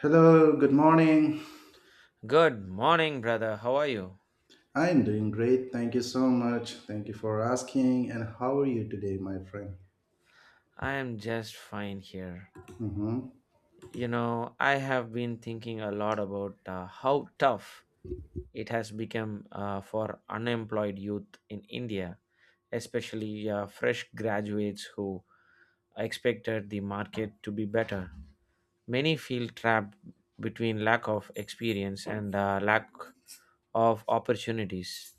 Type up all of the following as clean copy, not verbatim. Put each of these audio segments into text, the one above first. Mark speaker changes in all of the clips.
Speaker 1: Hello, good morning.
Speaker 2: Good morning, brother. How are you?
Speaker 1: I'm doing great. Thank you so much. Thank you for asking. And how are you today, my friend?
Speaker 2: I am just fine here.
Speaker 1: Mhm.
Speaker 2: You know, I have been thinking a lot about how tough it has become for unemployed youth in India, especially fresh graduates who expected the market to be better. Many feel trapped between lack of experience and lack of opportunities.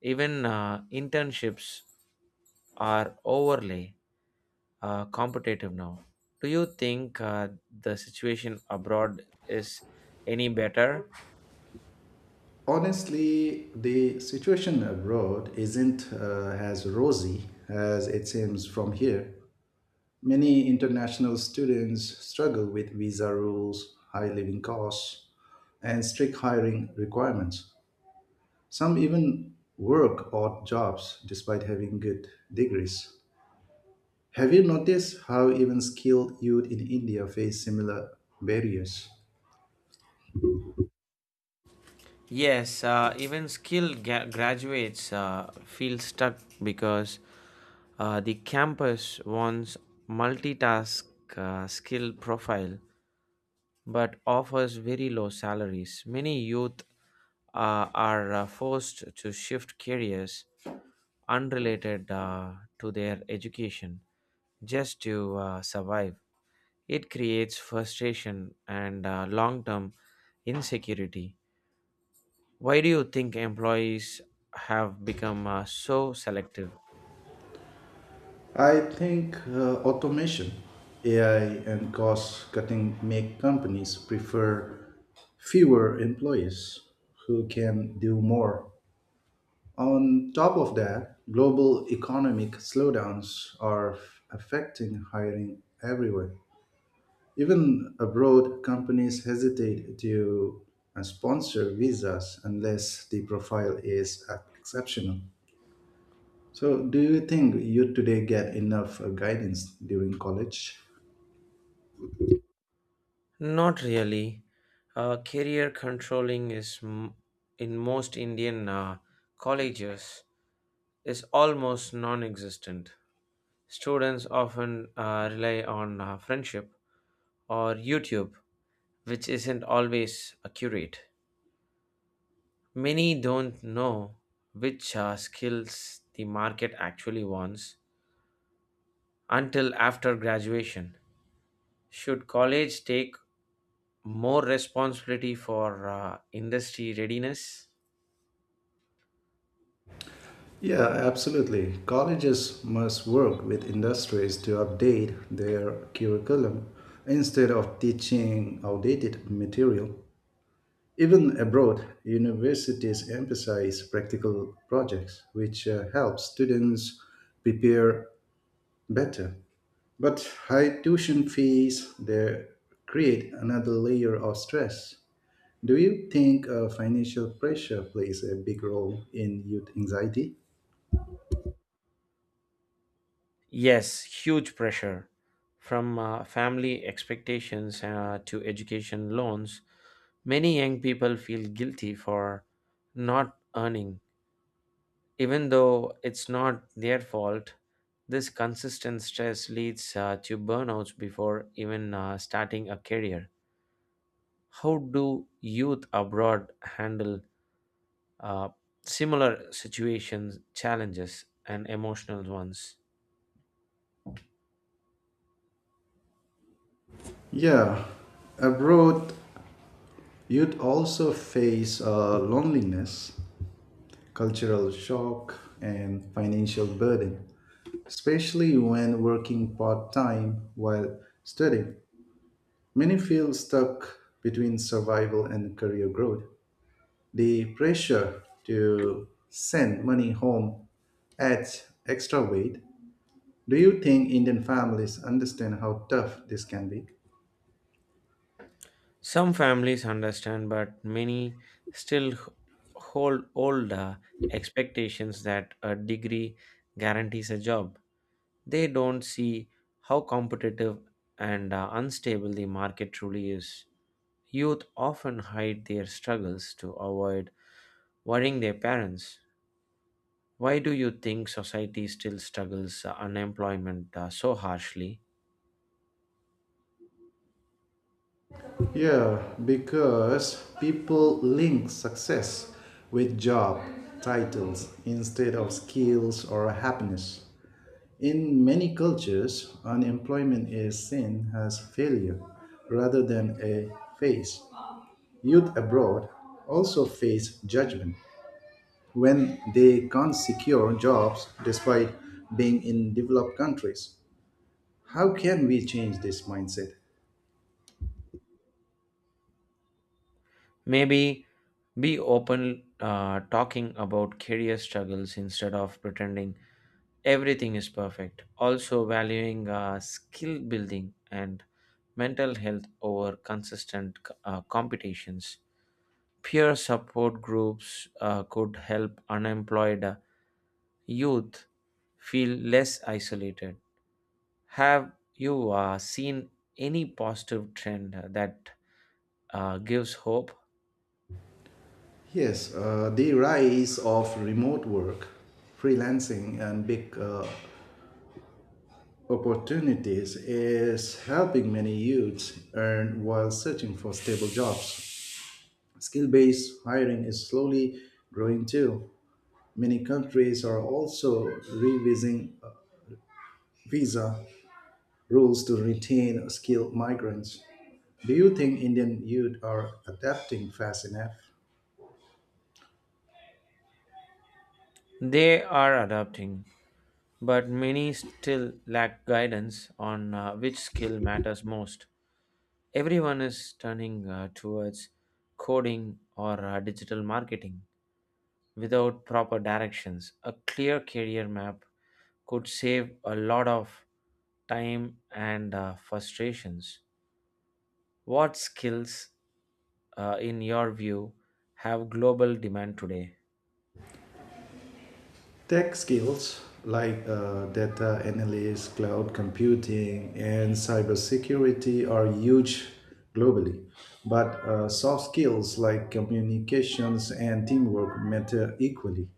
Speaker 2: Even internships are overlay competitive now. Do you think the situation abroad is any better?
Speaker 1: Honestly, the situation abroad isn't as rosy as it seems from here. Many international students struggle with visa rules, high living costs, and strict hiring requirements. Some even work odd jobs despite having good degrees. Have you noticed how even skilled youth in India face similar barriers?
Speaker 2: Yes, even skilled graduates feel stuck because the campus wants multitask skill profile but offers very low salaries. Many youth are forced to shift careers unrelated to their education just to survive. It creates frustration and long term insecurity. Why do you think employees have become so selective?
Speaker 1: I think automation, AI, and cost cutting make companies prefer fewer employees who can do more. On top of that, global economic slowdowns are affecting hiring everywhere. Even abroad, companies hesitate to sponsor visas unless the profile is exceptional. So, do you think you today get enough guidance during college?
Speaker 2: Not really. Career controlling is in most Indian colleges is almost non existent. Students often rely on friendship or YouTube, which isn't always accurate. Many don't know which skills the market actually wants until after graduation. Should college take more responsibility for industry readiness?
Speaker 1: Yeah, absolutely. Colleges must work with industries to update their curriculum instead of teaching outdated material. Even abroad, universities emphasize practical projects, which help students prepare better. But high tuition fees there create another layer of stress. Do you think financial pressure plays a big role in youth anxiety?
Speaker 2: Yes, huge pressure from family expectations to education loans. Many young people feel guilty for not earning, even though it's not their fault. This consistent stress leads to burnouts before even starting a career. How do youth abroad handle uh, similar situations, challenges, and emotional ones?
Speaker 1: Yeah, abroad you'd also face loneliness, cultural shock, and financial burden, especially when working part time while studying. Many feel stuck between survival and career growth. The pressure to send money home adds extra weight. Do you think Indian families understand how tough this can be?
Speaker 2: Some families understand, but many still hold old expectations that a degree guarantees a job. They don't see how competitive and unstable the market truly is. Youth often hide their struggles to avoid worrying their parents. Why do you think society still struggles unemployment so harshly?
Speaker 1: Yeah, because people link success with job titles instead of skills or happiness. In many cultures, unemployment is seen as failure rather than a phase. Youth abroad also face judgment when they can't secure jobs despite being in developed countries. How can we change this mindset?
Speaker 2: Maybe be open talking about career struggles instead of pretending everything is perfect. Also, valuing skill building and mental health over consistent competitions. Peer support groups could help unemployed youth feel less isolated. Have you seen any positive trend that gives hope?
Speaker 1: Yes, the rise of remote work, freelancing, and big opportunities is helping many youths earn while searching for stable jobs. Skill based hiring is slowly growing too. Many countries are also revising visa rules to retain skilled migrants. Do you think Indian youth are adapting fast enough?
Speaker 2: They are adapting, but many still lack guidance on which skill matters most. Everyone is turning towards coding or digital marketing without proper directions. A clear career map could save a lot of time and frustrations. What skills, in your view, have global demand today?
Speaker 1: Tech skills like data analysis, cloud computing, and cybersecurity are huge globally. But soft skills like communications and teamwork matter equally.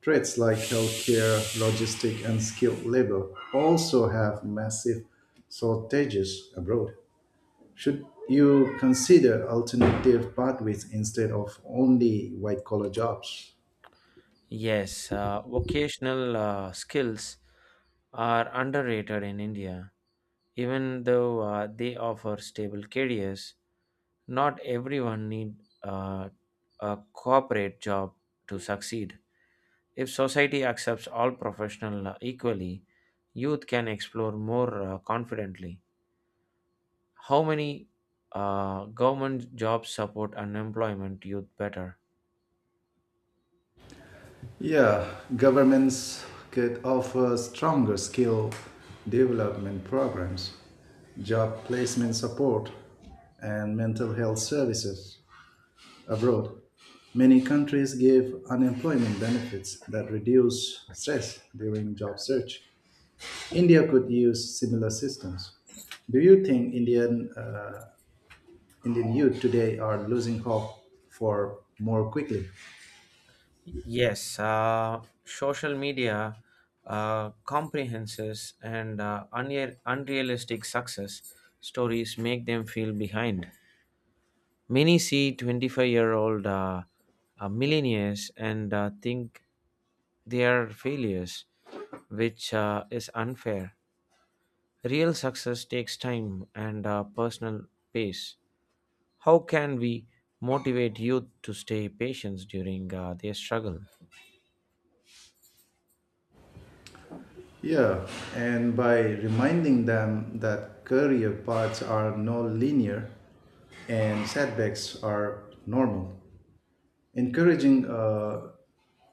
Speaker 1: Trades like healthcare, logistics, and skilled labor also have massive shortages abroad. Should you consider alternative pathways instead of only white collar jobs?
Speaker 2: Yes, vocational skills are underrated in India, even though they offer stable careers. Not everyone need uh, a corporate job to succeed. If society accepts all professionals equally, youth can explore more confidently. How many government jobs support unemployment youth better?
Speaker 1: Yeah, governments could offer stronger skill development programs, job placement support, and mental health services abroad. Many countries give unemployment benefits that reduce stress during job search. India could use similar systems. Do you think Indian youth today are losing hope for more quickly.
Speaker 2: Yes, social media comprehenses and unre- unrealistic success stories make them feel behind. Many see 25-year-old millionaires and think they are failures, which is unfair. Real success takes time and personal pace. How can we motivate youth to stay patient during their struggle?
Speaker 1: Yeah, and by reminding them that career paths are no linear and setbacks are normal, encouraging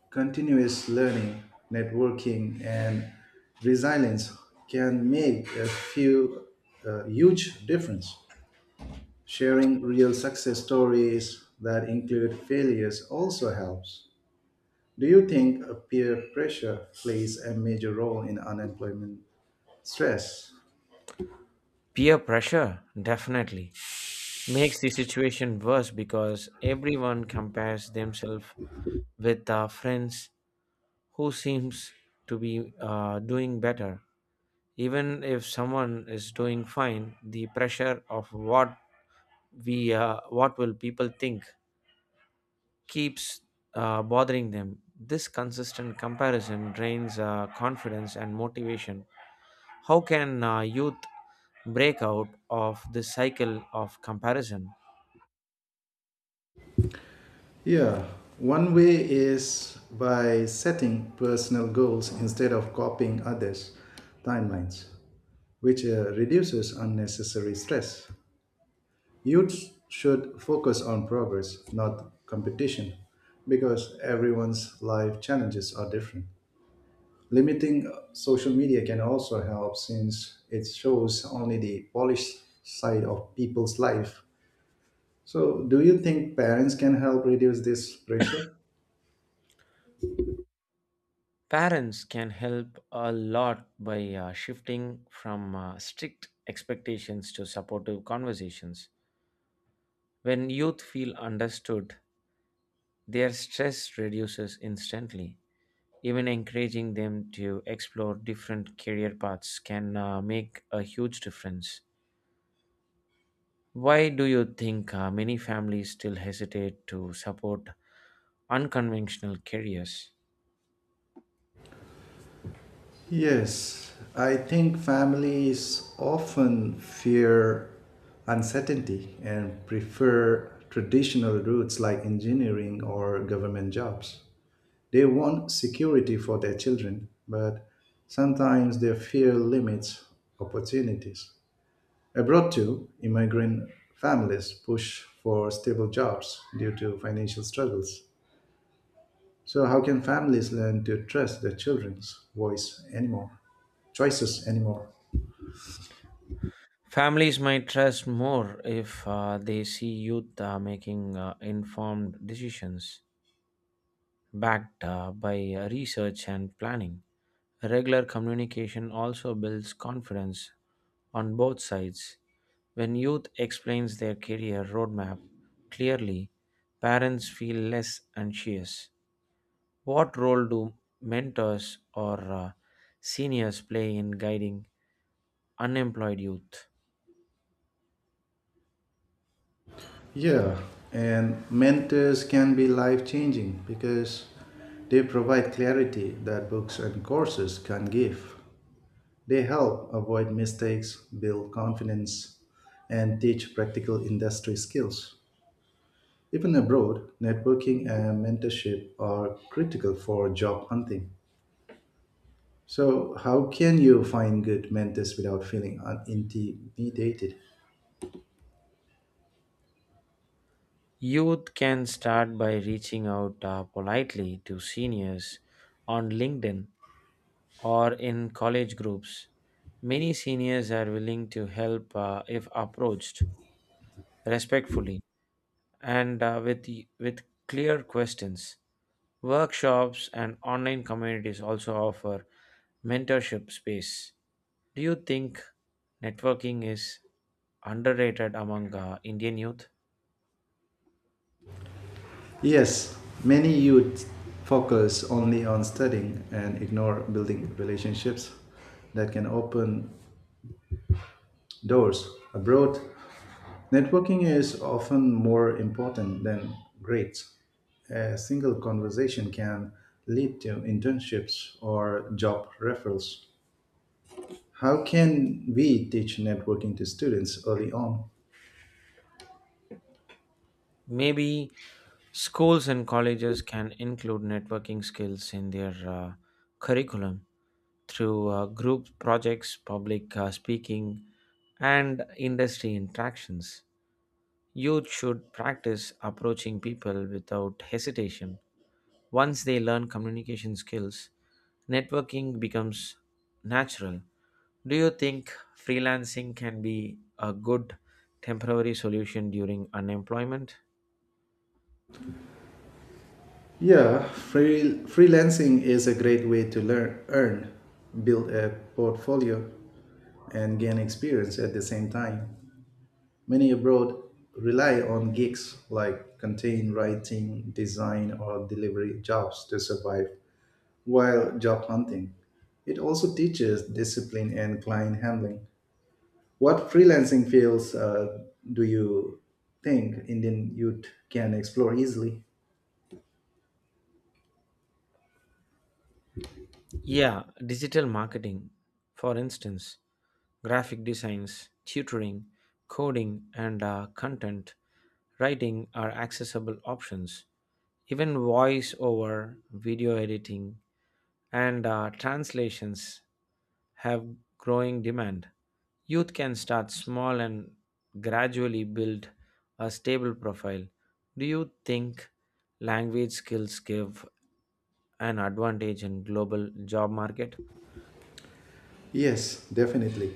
Speaker 1: continuous learning, networking, and resilience can make a huge difference. Sharing real success stories that include failures also helps. Do you think peer pressure plays a major role in unemployment stress?
Speaker 2: Peer pressure, definitely, makes the situation worse because everyone compares themselves with friends who seems to be doing better, even if someone is doing fine, the pressure of what we what will people think keeps bothering them. This consistent comparison drains confidence and motivation. How can youth break out of this cycle of comparison?
Speaker 1: Yeah, one way is by setting personal goals instead of copying others' timelines, which reduces unnecessary stress. Youth should focus on progress, not competition, because everyone's life challenges are different. Limiting social media can also help since it shows only the polished side of people's life. So, do you think parents can help reduce this pressure?
Speaker 2: Parents can help a lot by shifting from strict expectations to supportive conversations. When youth feel understood, their stress reduces instantly. Even encouraging them to explore different career paths can make a huge difference. Why do you think many families still hesitate to support unconventional careers?
Speaker 1: Yes, I think families often fear uncertainty and prefer traditional routes like engineering or government jobs. They want security for their children, but sometimes they fear limits opportunities. Abroad too, immigrant families push for stable jobs due to financial struggles. So how can families learn to trust their children's voice anymore? Choices anymore?
Speaker 2: Families might trust more if they see youth making informed decisions backed by research and planning. Regular communication also builds confidence on both sides. When youth explains their career roadmap clearly, parents feel less anxious. What role do mentors or seniors play in guiding unemployed youth?
Speaker 1: Yeah, and mentors can be life changing because they provide clarity that books and courses can give. They help avoid mistakes, build confidence, and teach practical industry skills. Even abroad, networking and mentorship are critical for job hunting. So, how can you find good mentors without feeling intimidated?
Speaker 2: Youth can start by reaching out politely to seniors on LinkedIn or in college groups. Many seniors are willing to help if approached respectfully and with clear questions. Workshops and online communities also offer mentorship space. Do you think networking is underrated among Indian youth?
Speaker 1: Yes, many youth focus only on studying and ignore building relationships that can open doors. Abroad, networking is often more important than grades. A single conversation can lead to internships or job referrals. How can we teach networking to students early on?
Speaker 2: Maybe schools and colleges can include networking skills in their curriculum through group projects, public speaking, and industry interactions. Youth should practice approaching people without hesitation. Once they learn communication skills, networking becomes natural. Do you think freelancing can be a good temporary solution during unemployment?
Speaker 1: Yeah, freelancing is a great way to learn, earn, build a portfolio, and gain experience at the same time. Many abroad rely on gigs like content writing, design, or delivery jobs to survive while job hunting. It also teaches discipline and client handling. What freelancing fields do you think Indian youth can explore easily?
Speaker 2: Yeah, digital marketing, for instance, graphic designs, tutoring, coding, and content writing are accessible options. Even voice over, video editing, and translations have growing demand. Youth can start small and gradually build a stable profile. Do you think language skills give an advantage in global job market?
Speaker 1: Yes, definitely.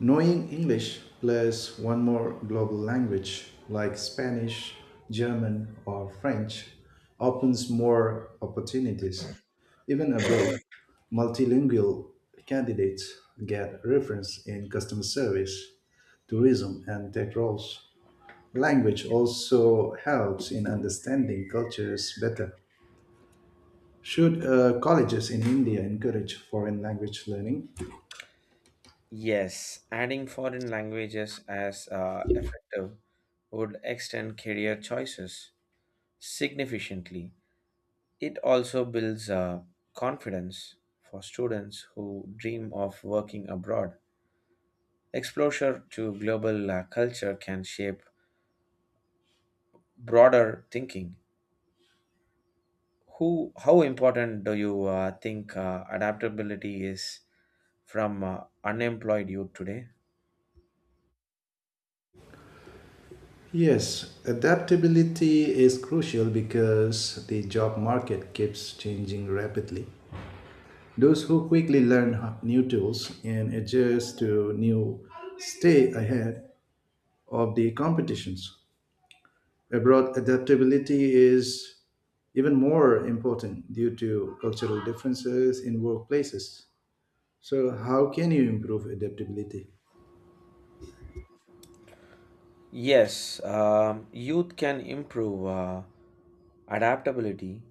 Speaker 1: Knowing English plus one more global language like Spanish, German, or French opens more opportunities. Even abroad, multilingual candidates get reference in customer service, tourism, and tech roles. Language also helps in understanding cultures better. Should colleges in India encourage foreign language learning?
Speaker 2: Yes, adding foreign languages as effective would extend career choices significantly. It also builds confidence for students who dream of working abroad. Exposure to global culture can shape broader thinking. How important do you think adaptability is from unemployed youth today?
Speaker 1: Yes, adaptability is crucial because the job market keeps changing rapidly. Those who quickly learn new tools and adjust to new stay ahead of the competitions. Abroad, adaptability is even more important due to cultural differences in workplaces. So, how can you improve adaptability?
Speaker 2: Yes, youth can improve adaptability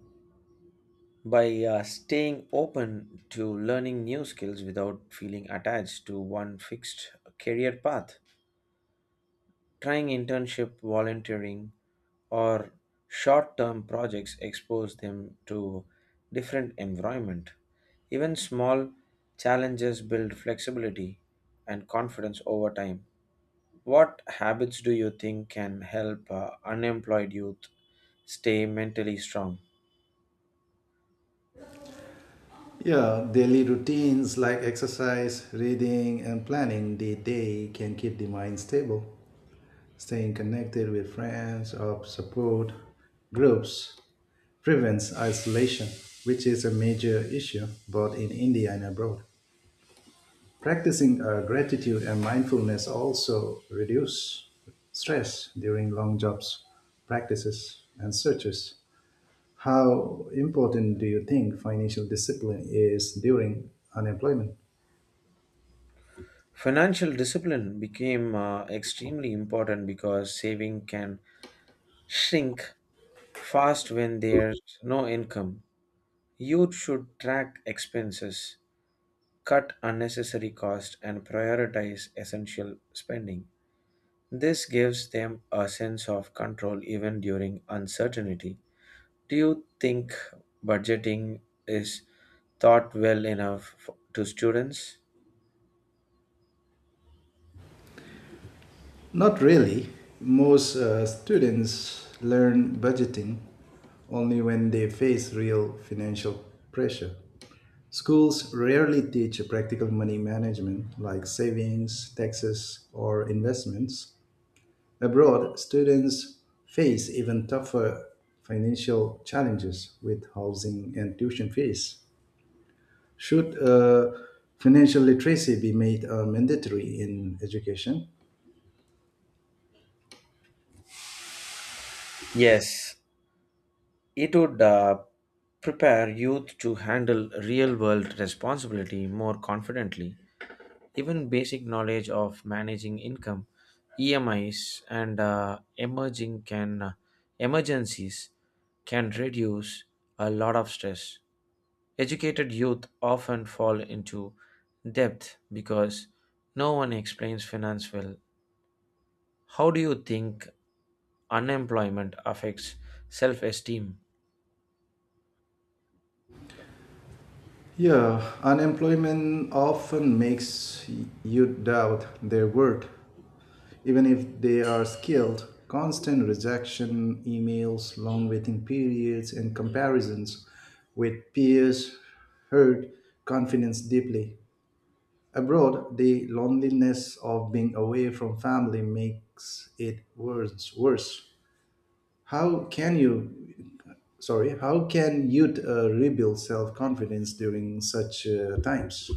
Speaker 2: by staying open to learning new skills without feeling attached to one fixed career path. Trying internship, volunteering, or short-term projects expose them to different environment. Even small challenges build flexibility and confidence over time. What habits do you think can help unemployed youth stay mentally strong?
Speaker 1: Yeah, daily routines like exercise, reading, and planning the day can keep the mind stable. Staying connected with friends or support groups prevents isolation, which is a major issue both in India and abroad. Practicing gratitude and mindfulness also reduce stress during long jobs, practices, and searches. How important do you think financial discipline is during unemployment?
Speaker 2: Financial discipline became extremely important because saving can shrink fast when there's no income. Youth should track expenses, cut unnecessary costs, and prioritize essential spending. This gives them a sense of control even during uncertainty. Do you think budgeting is taught well enough to students?
Speaker 1: Not really. Most students learn budgeting only when they face real financial pressure. Schools rarely teach practical money management like savings, taxes, or investments. Abroad, students face even tougher financial challenges with housing and tuition fees. Should financial literacy be made mandatory in education?
Speaker 2: Yes, it would prepare youth to handle real world responsibility more confidently. Even basic knowledge of managing income, EMIs, and emerging can emergencies can reduce a lot of stress. Educated youth often fall into debt because no one explains finance well. How do you think unemployment affects self esteem?
Speaker 1: Yeah, unemployment often makes you doubt their worth, even if they are skilled. Constant rejection, emails, long waiting periods, and comparisons with peers hurt confidence deeply. Abroad, the loneliness of being away from family makes it worse. Worse. How can you, sorry, how can youth rebuild self confidence during such times?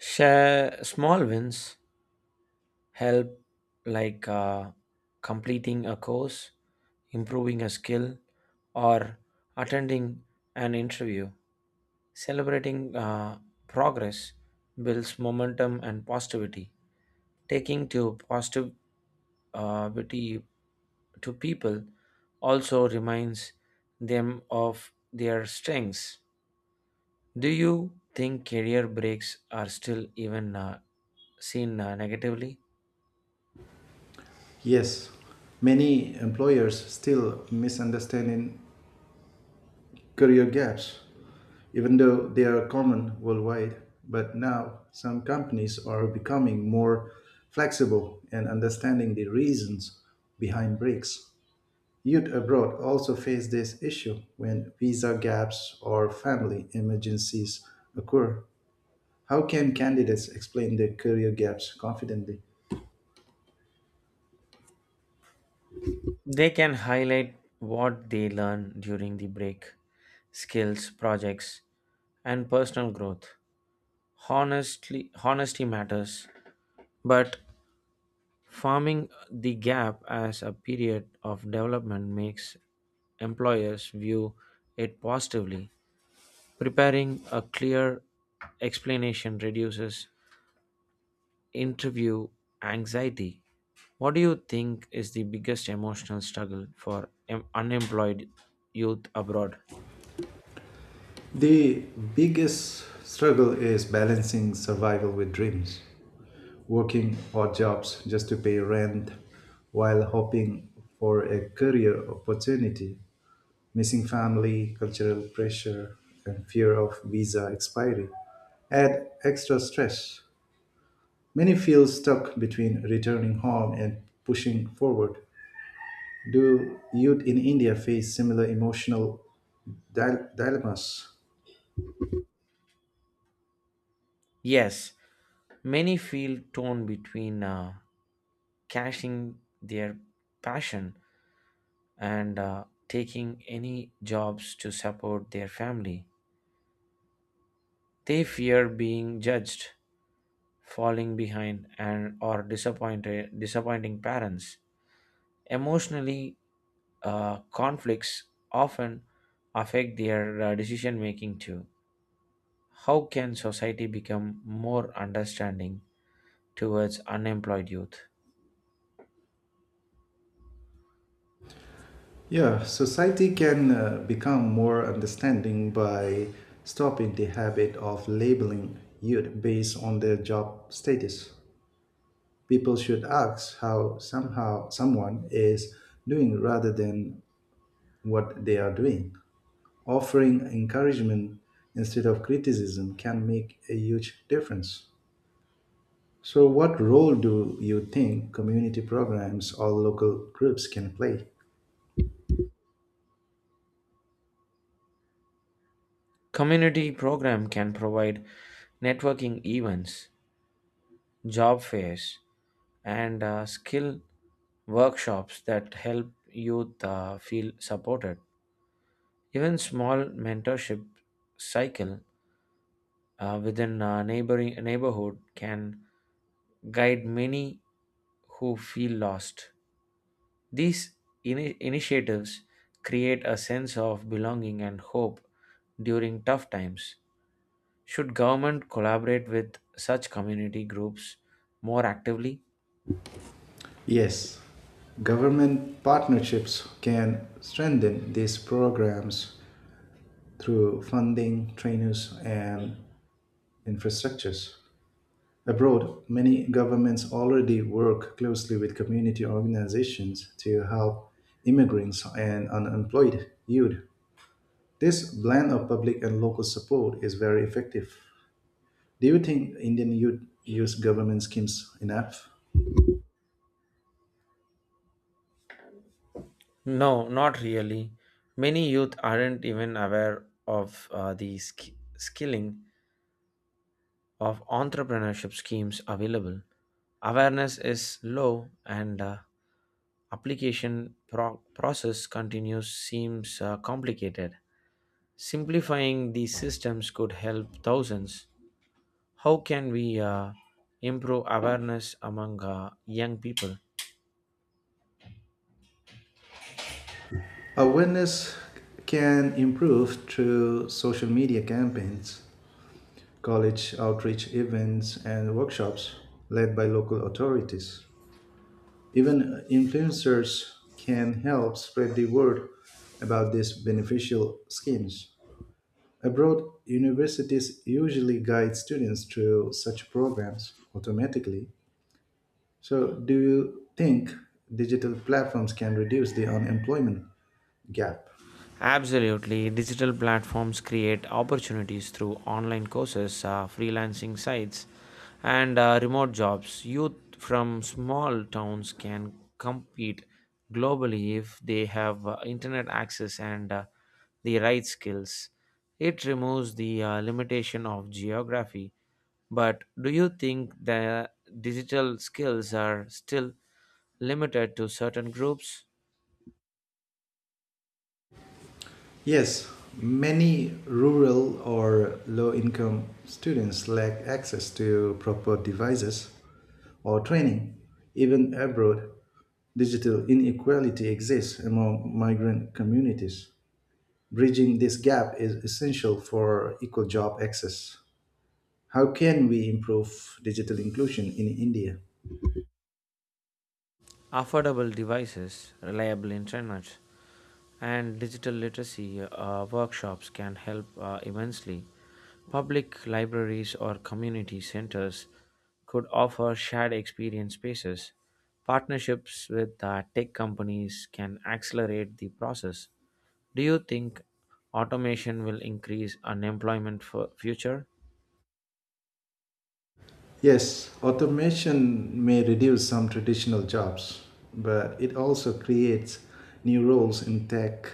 Speaker 2: Share small wins help like completing a course, improving a skill, or attending an interview. Celebrating progress builds momentum and positivity. Taking to positivity to people also reminds them of their strengths. Do you think career breaks are still even seen negatively?
Speaker 1: Yes, many employers still misunderstanding career gaps, even though they are common worldwide. But now some companies are becoming more flexible and understanding the reasons behind breaks. Youth abroad also face this issue when visa gaps or family emergencies occur. How can candidates explain their career gaps confidently?
Speaker 2: They can highlight what they learn during the break, skills, projects, and personal growth. Honesty matters, but farming the gap as a period of development makes employers view it positively. Preparing a clear explanation reduces interview anxiety. What do you think is the biggest emotional struggle for unemployed youth abroad?
Speaker 1: The biggest struggle is balancing survival with dreams. Working odd jobs just to pay rent while hoping for a career opportunity, missing family, cultural pressure, and fear of visa expiry add extra stress. Many feel stuck between returning home and pushing forward. Do youth in India face similar emotional dilemmas?
Speaker 2: Yes, many feel torn between cashing their passion and taking any jobs to support their family. They fear being judged, falling behind, and or disappointed disappointing parents. Emotionally, conflicts often affect their decision making too. How can society become more understanding towards unemployed youth?
Speaker 1: Yeah, society can become more understanding by stopping the habit of labeling youth based on their job status. People should ask how somehow someone is doing rather than what they are doing. Offering encouragement instead of criticism can make a huge difference. So, what role do you think community programs or local groups can play?
Speaker 2: Community program can provide networking events, job fairs, and skill workshops that help youth feel supported. Even small mentorship cycle within a neighboring neighborhood can guide many who feel lost. These initiatives create a sense of belonging and hope during tough times. Should government collaborate with such community groups more actively?
Speaker 1: Yes, government partnerships can strengthen these programs through funding, trainers, and infrastructures. Abroad, many governments already work closely with community organizations to help immigrants and unemployed youth. This blend of public and local support is very effective. Do you think Indian youth use government schemes enough?
Speaker 2: No, not really. Many youth aren't even aware of the skilling of entrepreneurship schemes available. Awareness is low and application process continues seems complicated. Simplifying these systems could help thousands. How can we improve awareness among young people?
Speaker 1: Awareness can improve through social media campaigns, college outreach events, and workshops led by local authorities. Even influencers can help spread the word about these beneficial schemes. Abroad, universities usually guide students through such programs automatically. So, do you think digital platforms can reduce the unemployment gap?
Speaker 2: Absolutely. Digital platforms create opportunities through online courses, freelancing sites, and remote jobs. Youth from small towns can compete globally if they have internet access and the right skills. It removes the limitation of geography. But do you think the digital skills are still limited to certain groups?
Speaker 1: Yes, many rural or low income students lack access to proper devices or training. Even abroad, digital inequality exists among migrant communities. Bridging this gap is essential for equal job access. How can we improve digital inclusion in India?
Speaker 2: Affordable devices, reliable internet, and digital literacy workshops can help immensely. Public libraries or community centers could offer shared experience spaces. Partnerships with tech companies can accelerate the process. Do you think automation will increase unemployment for future?
Speaker 1: Yes, automation may reduce some traditional jobs, but it also creates new roles in tech,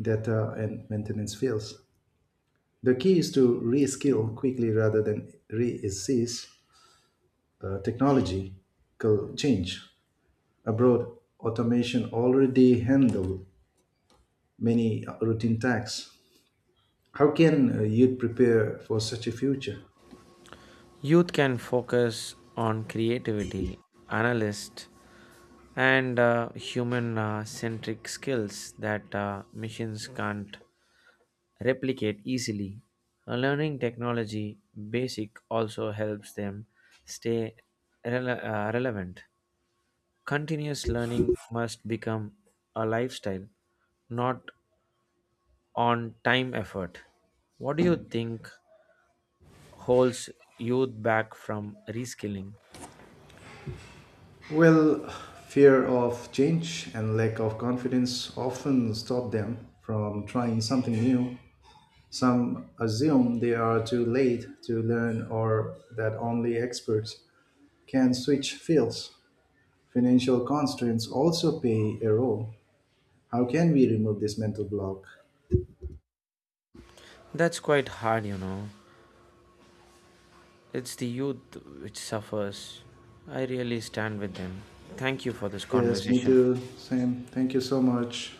Speaker 1: data, and maintenance fields. The key is to reskill quickly rather than resist technological change. Abroad, automation already handle many routine tasks. How can you prepare for such a future?
Speaker 2: Youth can focus on creativity, analyst and human centric skills that machines can't replicate easily. Learning technology basic also helps them stay relevant. Continuous learning must become a lifestyle, not on time effort. What do you think holds youth back from reskilling?
Speaker 1: Well, fear of change and lack of confidence often stop them from trying something new. Some assume they are too late to learn or that only experts can switch fields. Financial constraints also play a role. How can we remove this mental block?
Speaker 2: That's quite hard, you know. It's the youth which suffers. I really stand with them. Thank you for this
Speaker 1: Yes, me
Speaker 2: conversation.
Speaker 1: too. Same. Thank you so much.